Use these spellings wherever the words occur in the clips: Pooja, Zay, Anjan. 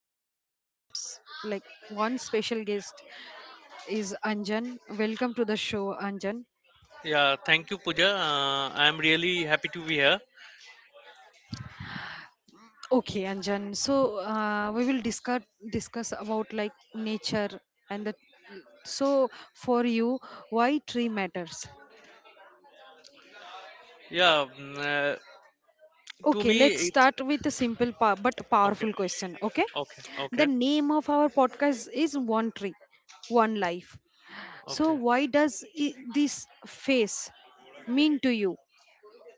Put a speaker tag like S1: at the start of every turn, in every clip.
S1: joined by like one special guest is Anjan. Welcome to the show, Anjan.
S2: Yeah, thank you, Pooja. I'm really happy to be here.
S1: Okay, Anjan. So we will discuss about like nature and the so for you, why tree matters.
S2: Yeah, mm, uh, to
S1: Okay,
S2: me
S1: let's
S2: it.
S1: start with a simple but
S2: Okay,
S1: powerful question. Okay,
S2: okay,
S1: the
S2: okay,
S1: name of our podcast is One Tree, One Life. So
S2: okay.
S1: why does this face mean to you?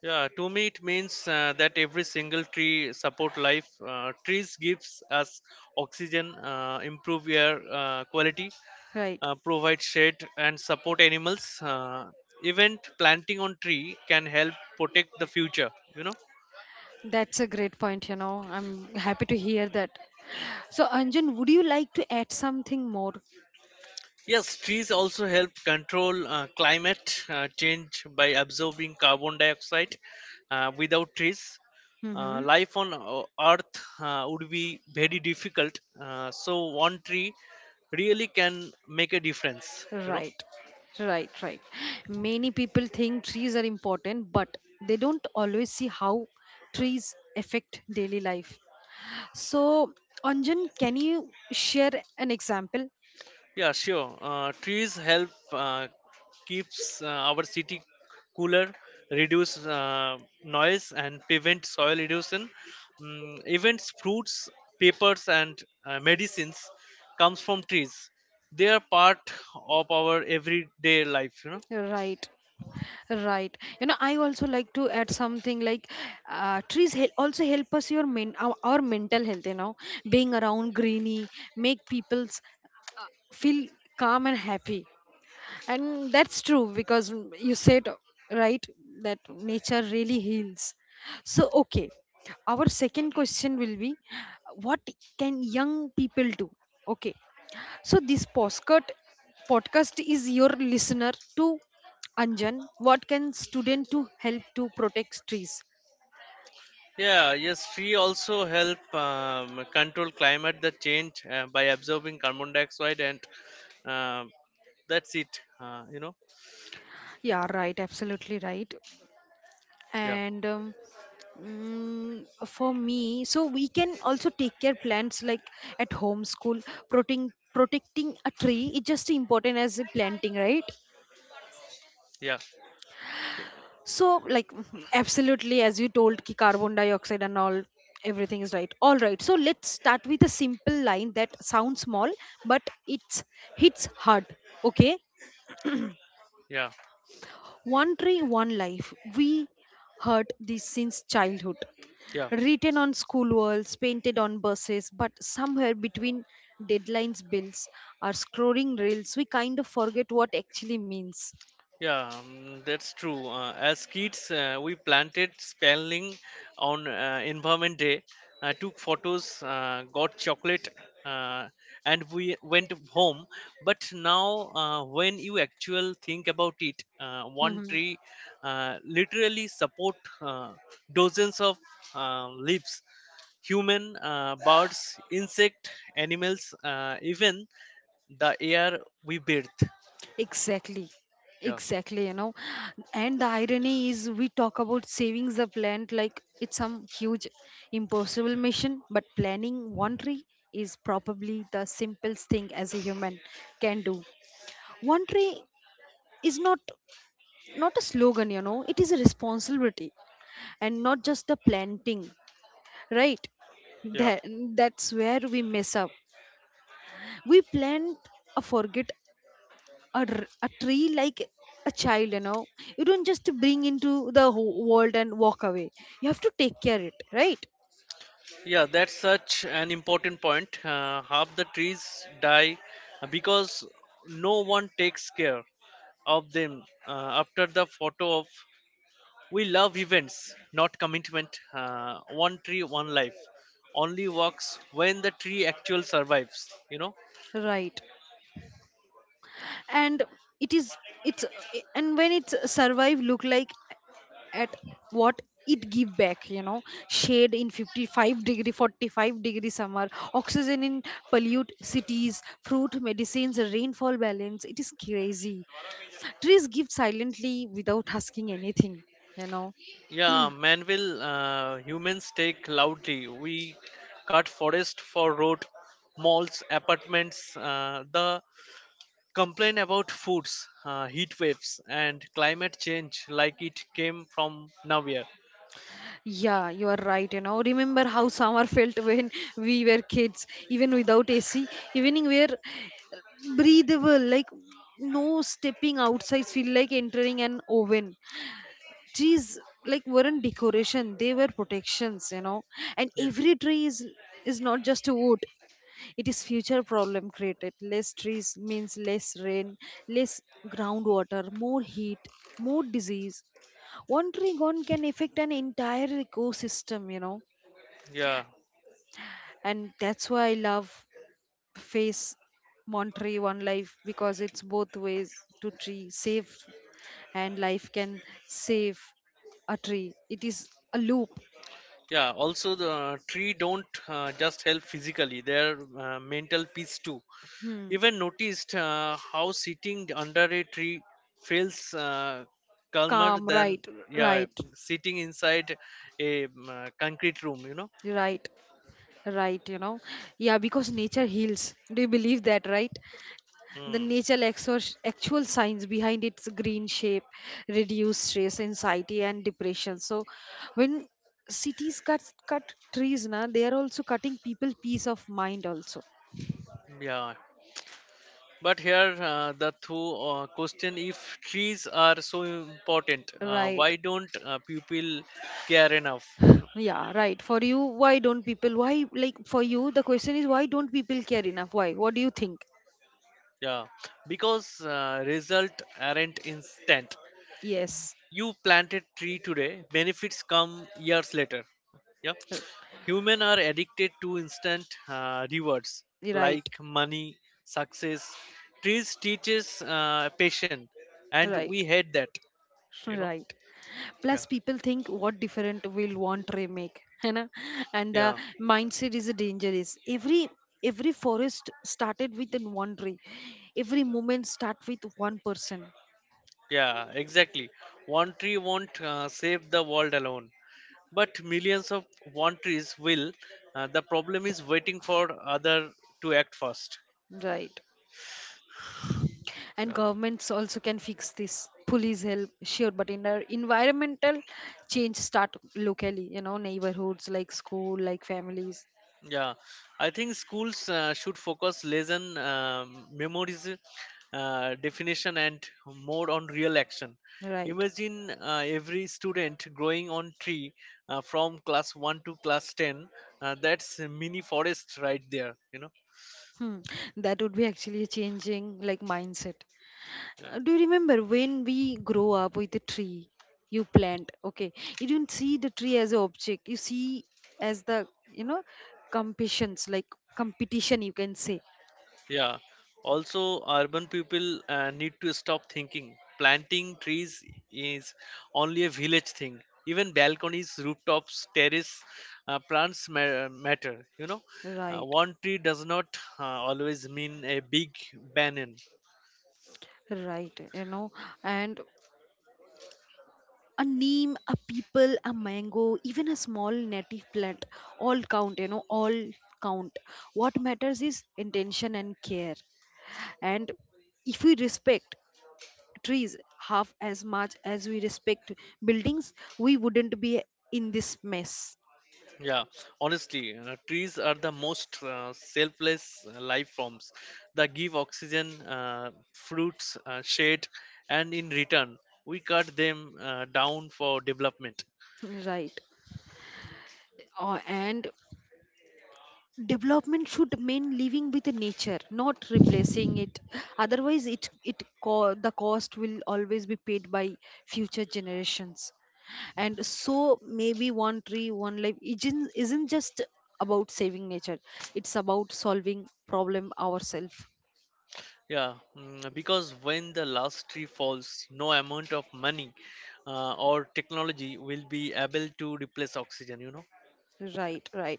S2: Yeah, to me it means that every single tree support life. Trees gives us oxygen, improve air quality,
S1: Right.
S2: provide shade, and support animals. Event planting on tree can help protect the future.
S1: That's a great point, you know. I'm happy to hear that. So, Anjan, would you like to add something more?
S2: Yes, trees also help control climate change by absorbing carbon dioxide. Without trees,
S1: Mm-hmm.
S2: life on Earth would be very difficult. So one tree really can make a difference,
S1: Right, right, right. Many people think trees are important, but they don't always see how trees affect daily life. So, Anjan, can you share an example?
S2: Yeah, sure. Trees help keeps our city cooler, reduce noise, and prevent soil erosion. Events, fruits, papers, and medicines comes from trees. They are part of our everyday life.
S1: Right, right. You know, I also like to add something like trees also help us our mental health. You know, being around greeny make people's feel calm and happy. And that's true because you said, right, that nature really heals. So okay, our second question will be, what can young people do? Okay, so this postcard podcast is your listener to, Anjan, what can student to help to protect trees?
S2: Yeah. Yes. Tree also help control climate the change by absorbing carbon dioxide, and um that's it.
S1: Yeah, right, absolutely right.
S2: Yeah.
S1: And for me, so we can also take care plants like at home, school. Protecting a tree is just important as planting, right?
S2: Yeah. Yeah.
S1: So like, mhm, absolutely, as you told ki carbon dioxide and all, everything is right. All right. So let's start with a simple line that sounds small, but it's hits hard. Okay?
S2: Yeah.
S1: One tree, one life. We heard this since childhood,
S2: Yeah.
S1: written on school walls, painted on buses, but somewhere between deadlines, bills, or scrolling reels, we kind of forget what actually means.
S2: Yeah, that's true. As kids, we planted spelling on Environment Day, took photos, got chocolate, uh, and we went home. But now, when you actually think about it, one
S1: Mhm.
S2: tree literally support dozens of leaves. Human, birds, insect, animals, even the air we breathe.
S1: Exactly.
S2: Yeah,
S1: Exactly, you know. And the irony is, we talk about saving the plant like it's some huge, impossible mission, but planning one tree is probably the simplest thing as a human can do. One tree is not a slogan, you know, it is a responsibility, and not just the planting, right?
S2: yeah.
S1: that that's where we mess up. We plant a forget a, r- a tree like a child, you know, you don't just bring into the whole world and walk away. You have to take care it, right?
S2: Yeah, that's such an important point. Half the trees die because no one takes care of them. After the photo of we love events, not commitment. One tree, one life only works when the tree actual survives.
S1: Right. And it is it's and when it's survive, look like at what it give back, you know, shade in 55 degree 45-degree summer, oxygen in pollute cities, fruit, medicines, rainfall balance. It is crazy, trees give silently without asking anything, you know.
S2: Yeah, man will humans take loudly. We cut forest for road, malls, apartments. The complain about foods, heat waves, and climate change like it came from nowhere.
S1: Yeah, you are right, you know. Remember how summer felt when we were kids? Even without AC, evening were breathable. Like, no, stepping outside feel like entering an oven. Trees like weren't decoration, they were protections, you know. And
S2: Yeah,
S1: every tree is not just a wood, it is future problem created. Less trees means less rain, less groundwater, more heat, more disease. One tree gone can affect an entire ecosystem, you know.
S2: yeah,
S1: And that's why I love face, one tree, one life, because it's both ways to tree save, and life can save a tree. It is a loop.
S2: yeah. Also, the tree don't just help physically; their mental peace too.
S1: Hmm.
S2: Even noticed how sitting under a tree feels calmer
S1: Calm, right.
S2: than yeah
S1: Right.
S2: sitting inside a concrete room.
S1: Right, right, you know. Yeah, because nature heals, do you believe that? Right, the
S2: Hmm.
S1: nature actual science behind its green shape reduce stress, anxiety and depression. So when cities cut trees na, they are also cutting people peace of mind also.
S2: Yeah, but here, the two question: if trees are so important,
S1: Right.
S2: why don't people care enough? You know?
S1: Yeah, right. For you, why don't people, why, like for you the question is, why don't people care enough? Why? What do you think?
S2: Yeah, because result aren't instant.
S1: Yes.
S2: You planted tree today, benefits come years later. Yeah,
S1: r-
S2: Human are addicted to instant rewards
S1: right.
S2: like money, success. Trees teaches patience, and
S1: Right.
S2: we hate that. You know.
S1: Right.
S2: Yeah.
S1: Plus, people think what different will want remake, you know? And the
S2: Yeah.
S1: mindset is dangerous. Every forest started with an one tree. Every movement start with one person.
S2: Yeah, exactly. One tree won't save the world alone, but millions of one trees will. The problem is waiting for other to act first.
S1: Right. And
S2: Yeah,
S1: governments also can fix this. Police help, sure, but in our environmental change start locally. You know, neighborhoods like school, like families.
S2: yeah. I think schools should focus less on memories, definition, and more on real action.
S1: Right.
S2: Imagine every student growing on tree from class one to class ten. That's a mini forest right there.
S1: Hmm. That would be actually a changing like mindset.
S2: Yeah.
S1: Do you remember when we grow up with the tree you plant? Okay, you don't see the tree as an object, you see as the, you know, competitions like competition you can say.
S2: Yeah. Also, urban people need to stop thinking planting trees is only a village thing. Even balconies, rooftops, terrace, plants matter. You know,
S1: Right.
S2: one tree does not always mean a big banyan.
S1: Right, you know. And a name, a people, a mango, even a small native plant, all count, you know, all count. What matters is intention and care. And if we respect trees half as much as we respect buildings, we wouldn't be in this mess.
S2: Yeah, Honestly, trees are the most selfless life forms that give oxygen, fruits, shade, and in return, we cut them down for development.
S1: Right. And development should mean living with nature, not replacing it. Otherwise, the cost will always be paid by future generations. And so maybe one tree, one life isn't just about saving nature. It's about solving problem ourselves.
S2: Yeah, because when the last tree falls, no amount of money or technology will be able to replace oxygen,
S1: Right, right.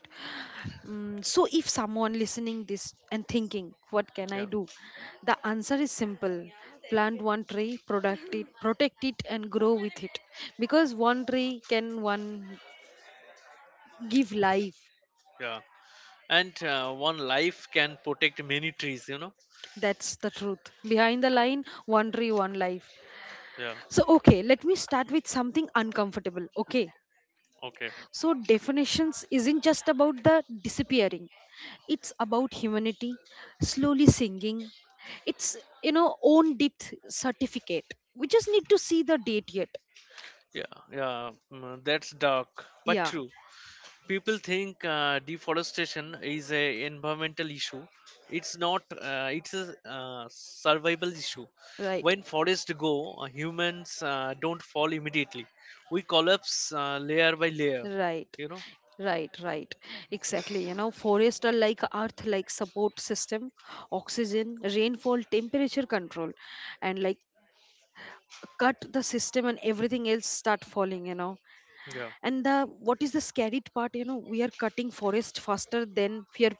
S1: Mm, so if someone listening this and thinking, what can I
S2: Yeah,
S1: do? The answer is simple. Plant one tree, product it, protect it and grow with it. Because one tree can one give life.
S2: yeah. And one life can protect many trees,
S1: That's the truth. Behind the line, one tree, one life.
S2: Yeah,
S1: So okay, let me start with something uncomfortable. Okay.
S2: okay.
S1: So, definitions isn't just about the disappearing, it's about humanity slowly singing. It's, you know, own depth certificate. We just need to see the date yet.
S2: Yeah. That's dark, but
S1: Yeah,
S2: true. People think deforestation is a environmental issue it's not it's a survival issue
S1: right,
S2: when forests go humans don't fall immediately we collapse layer by layer.
S1: right.
S2: You know.
S1: Right, right. Exactly. You know, forests are like earth like support system, oxygen, rainfall, temperature control, and like, cut the system and everything else start falling, you know.
S2: Yeah,
S1: And the what is the scary part, you know, we are cutting forest faster than we are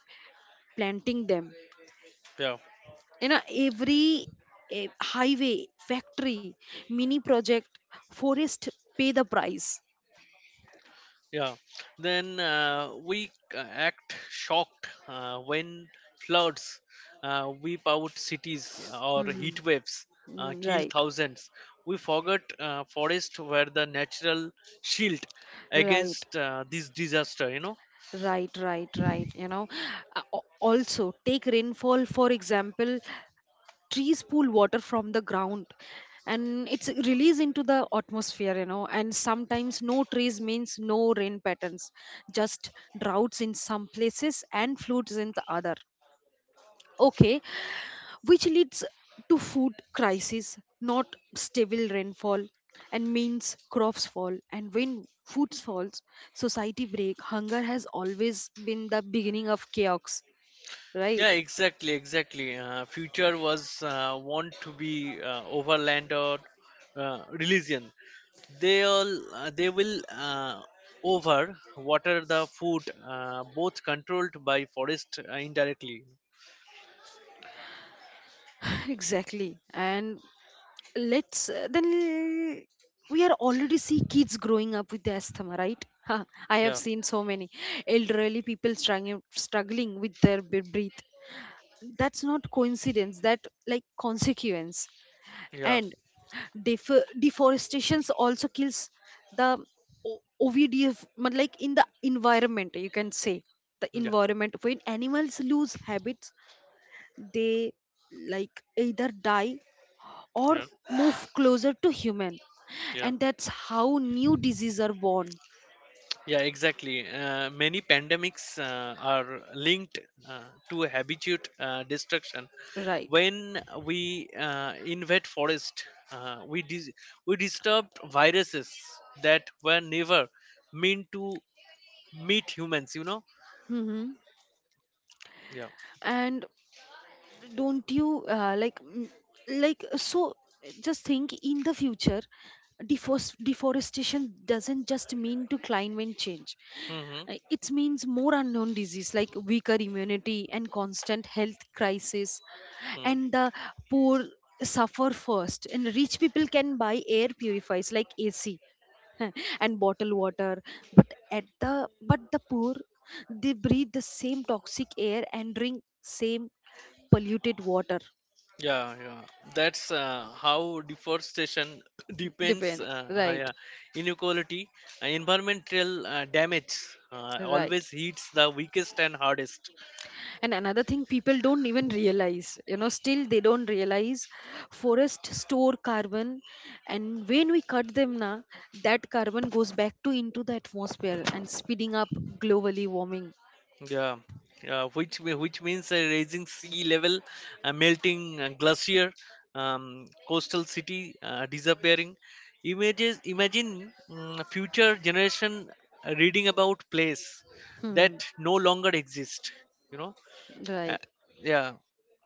S1: planting them,
S2: yeah.
S1: you know. Every highway, factory, mini project, forest pay the price.
S2: Yeah, then we act shocked when floods weep out cities or
S1: Hmm.
S2: heat waves
S1: Mm,
S2: kill
S1: right.
S2: thousands. We forget forests were the natural shield
S1: Right,
S2: against this disaster,
S1: right, right, right, you know. Also take rainfall for example, trees pull water from the ground and it's released into the atmosphere, you know. And sometimes no trees means no rain patterns, just droughts in some places and floods in the other. Okay, which leads to food crisis. Not stable rainfall and means crops fall, and when food falls, society break. Hunger has always been the beginning of chaos,
S2: Yeah,
S1: right?
S2: exactly, exactly. Future was want to be overland or religion they will over water the food both controlled by forest indirectly.
S1: Exactly. And let's then we are already see kids growing up with the asthma, right? I have
S2: Yeah,
S1: seen so many elderly people struggling with their breath. That's not coincidence, that like consequence.
S2: yeah,
S1: And deforestation also kills the O- ovdf but like in the environment, you can say the
S2: yeah,
S1: environment. When animals lose habits, they like either die or
S2: yeah,
S1: move closer to human,
S2: yeah,
S1: and that's how new diseases are born.
S2: yeah, exactly. Many pandemics are linked uh, to habitat destruction
S1: Right.
S2: when we invade forest uh, we dis- we disturb viruses that were never meant to meet humans,
S1: Hmm.
S2: yeah,
S1: And don't you like, like, so just think in the future,
S2: yeah.
S1: deforestation doesn't just mean to climate change.
S2: Mm-hmm.
S1: It means more unknown disease, like weaker immunity and constant health crisis.
S2: Hmm.
S1: And the poor suffer first, and rich people can buy air purifiers like AC and bottled water, but at the, but the poor, they breathe the same toxic air and drink same polluted water.
S2: Yeah, yeah. That's how deforestation depends.
S1: Depends. Right.
S2: Yeah. Inequality, environmental damage
S1: Right.
S2: always hits the weakest and hardest.
S1: And another thing people don't even realize, you know, still they don't realize, forests store carbon, and when we cut them na, that carbon goes back to into the atmosphere and speeding up globally warming.
S2: Yeah, yeah. Which means raising sea level, melting glacier, coastal city disappearing. Images. Imagine future generation reading about place that
S1: Hmm.
S2: no longer exist. You know. Uh,
S1: Right.
S2: yeah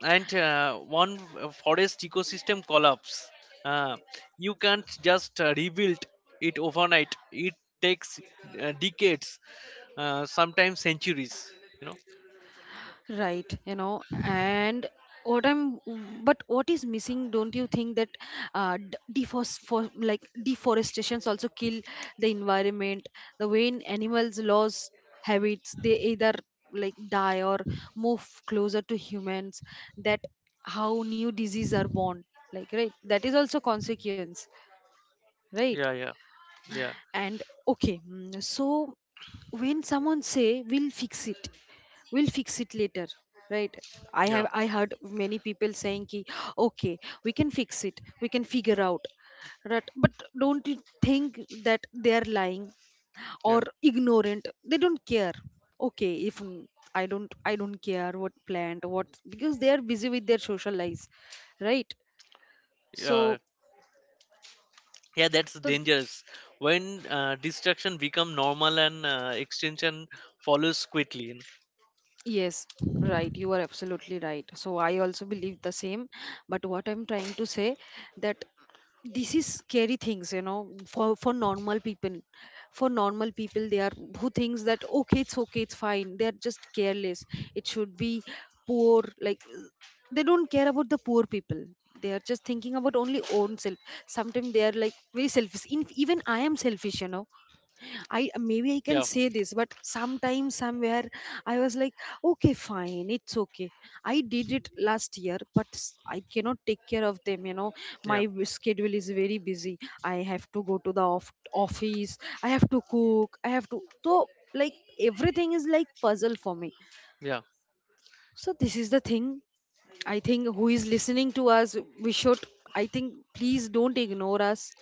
S2: and one forest ecosystem collapse, uh, you can't just rebuild it overnight. It takes decades, sometimes centuries, you know
S1: Right, you know. And what I'm, but what is missing? Don't you think that d- defos for like deforestations also kill the environment? The way in animals lose habits, they either like die or move closer to humans. That how new diseases are born. Like right, that is also consequence.
S2: yeah,
S1: Right,
S2: yeah, yeah,
S1: and okay, mm, so when someone say, we'll fix it later, right?
S2: yeah,
S1: I heard many people saying ki, okay, we can fix it, we can figure out, right? But don't you think that they are lying
S2: yeah,
S1: or ignorant, they don't care? Okay, if I don't care what plant what, because they are busy with their social lives, right?
S2: yeah,
S1: so
S2: yeah, that's
S1: the
S2: dangerous. When destruction become normal and extinction follows quickly.
S1: Yes, right, you are absolutely right, so I also believe the same. But what I'm trying to say, that this is scary things, you know, for normal people, for normal people, they are who thinks that okay, it's okay, it's fine, they are just careless. It should be poor like, they don't care about the poor people, they are just thinking about only own self. Sometimes they are like very selfish. In, even I am selfish, you know, I maybe I can
S2: Yeah,
S1: say this, but sometimes somewhere I was like, okay, fine, it's okay. I did it last year, but I cannot take care of them. You know,
S2: yeah,
S1: my schedule is very busy. I have to go to the office. I have to cook. I have to. So like, everything is like puzzle for me.
S2: yeah.
S1: So this is the thing. I think who is listening to us, we should, I think, please don't ignore us.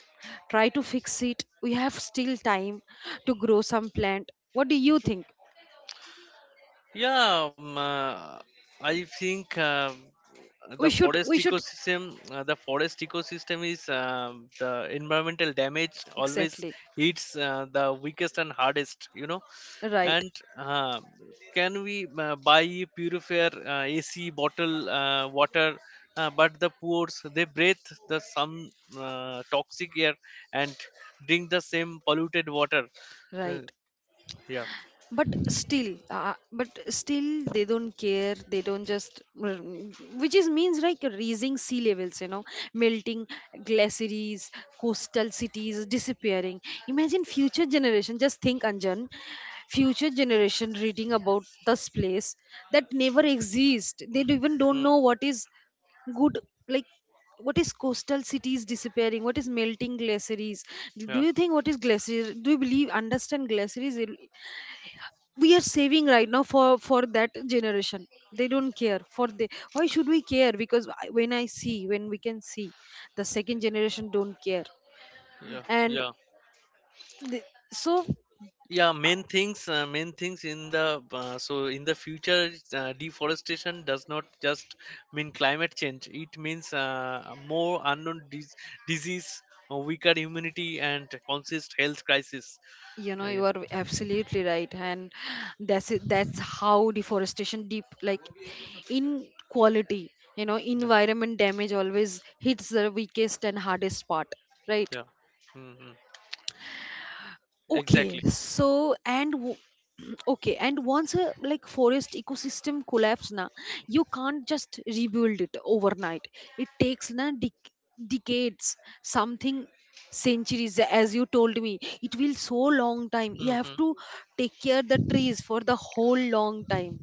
S1: Try to fix it. We have still time to grow some plant. What do you think?
S2: Yeah, um, uh, I think
S1: We should, we should,
S2: the forest ecosystem is the environmental damage always
S1: exactly.
S2: hits the weakest and hardest,
S1: Right,
S2: And uh, can we buy purifier AC bottle water? But the poor, they breathe the some toxic air and drink the same polluted water. Uh,
S1: right.
S2: yeah.
S1: But still but still they don't care, they don't just, mm, which is means like raising sea levels, you know, melting glaciers, coastal cities disappearing. Imagine future generation, just think, Anjan, future generation reading about this place that never exist, they even don't
S2: Hmm.
S1: know what is good. Like, what is coastal cities disappearing, what is melting glaciers? Do, do
S2: Yeah,
S1: you think, what is glacier? Do you believe understand glaciers we are saving right now for that generation? They don't care for the, why should we care? Because when I see, when we can see the second generation don't care,
S2: yeah,
S1: and
S2: yeah.
S1: the, so
S2: Yeah,
S1: uh,
S2: main things in the in the future deforestation does not just mean climate change. It means more unknown disease, weaker immunity and consist health crisis.
S1: you know, you
S2: Yeah,
S1: are absolutely right, and that's it. That's how deforestation deep like inequality, you know,
S2: yeah,
S1: environment damage always hits the weakest and hardest part, right?
S2: yeah. Mhm.
S1: Okay,
S2: Exactly.
S1: so and okay, and once a like forest ecosystem collapse na, you can't just rebuild it overnight. It takes na decades, something centuries, as you told me it will, so long time you have
S2: Hmm.
S1: to take care the trees for the whole long time.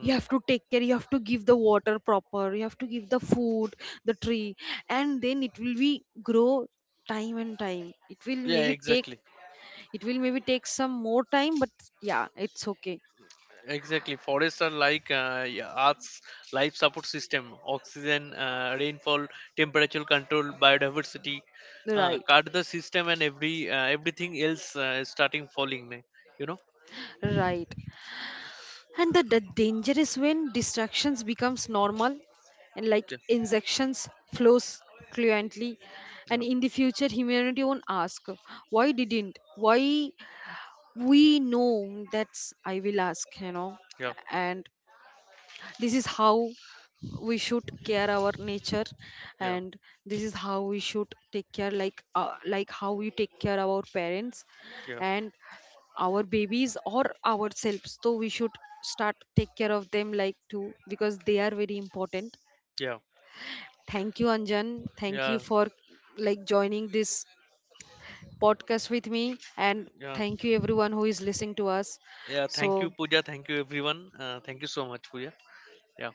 S1: You have to take care, you have to give the water proper, you have to give the food the tree, and then it will be grow. Time and time it will
S2: Yeah,
S1: maybe take,
S2: exactly.
S1: it will maybe take some more time, but yeah, it's okay.
S2: Exactly. Forests are like Earth's life support system. Oxygen, rainfall, temperature control, biodiversity.
S1: Right,
S2: Cut the system and everything else starting falling. Ne? You know.
S1: right. And the danger is when distractions becomes normal and like injections flows fluently, and
S2: Yeah.
S1: in the future humanity won't ask, why didn't, why we know? That's I will ask, you know.
S2: Yeah. Yeah.
S1: And this is how we should care our nature,
S2: Yeah.
S1: and this is how we should take care, like how we take care our parents
S2: Yeah.
S1: and our babies or ourselves, so we should start take care of them like too, because they are very important.
S2: Yeah.
S1: Thank you, Anjan, thank you
S2: Yeah.
S1: for like joining this podcast with me, and
S2: Yeah.
S1: thank you everyone who is listening to us.
S2: Yeah.
S1: So
S2: Thank you, Pooja. Thank you, everyone. Thank you so much, Pooja. Yeah.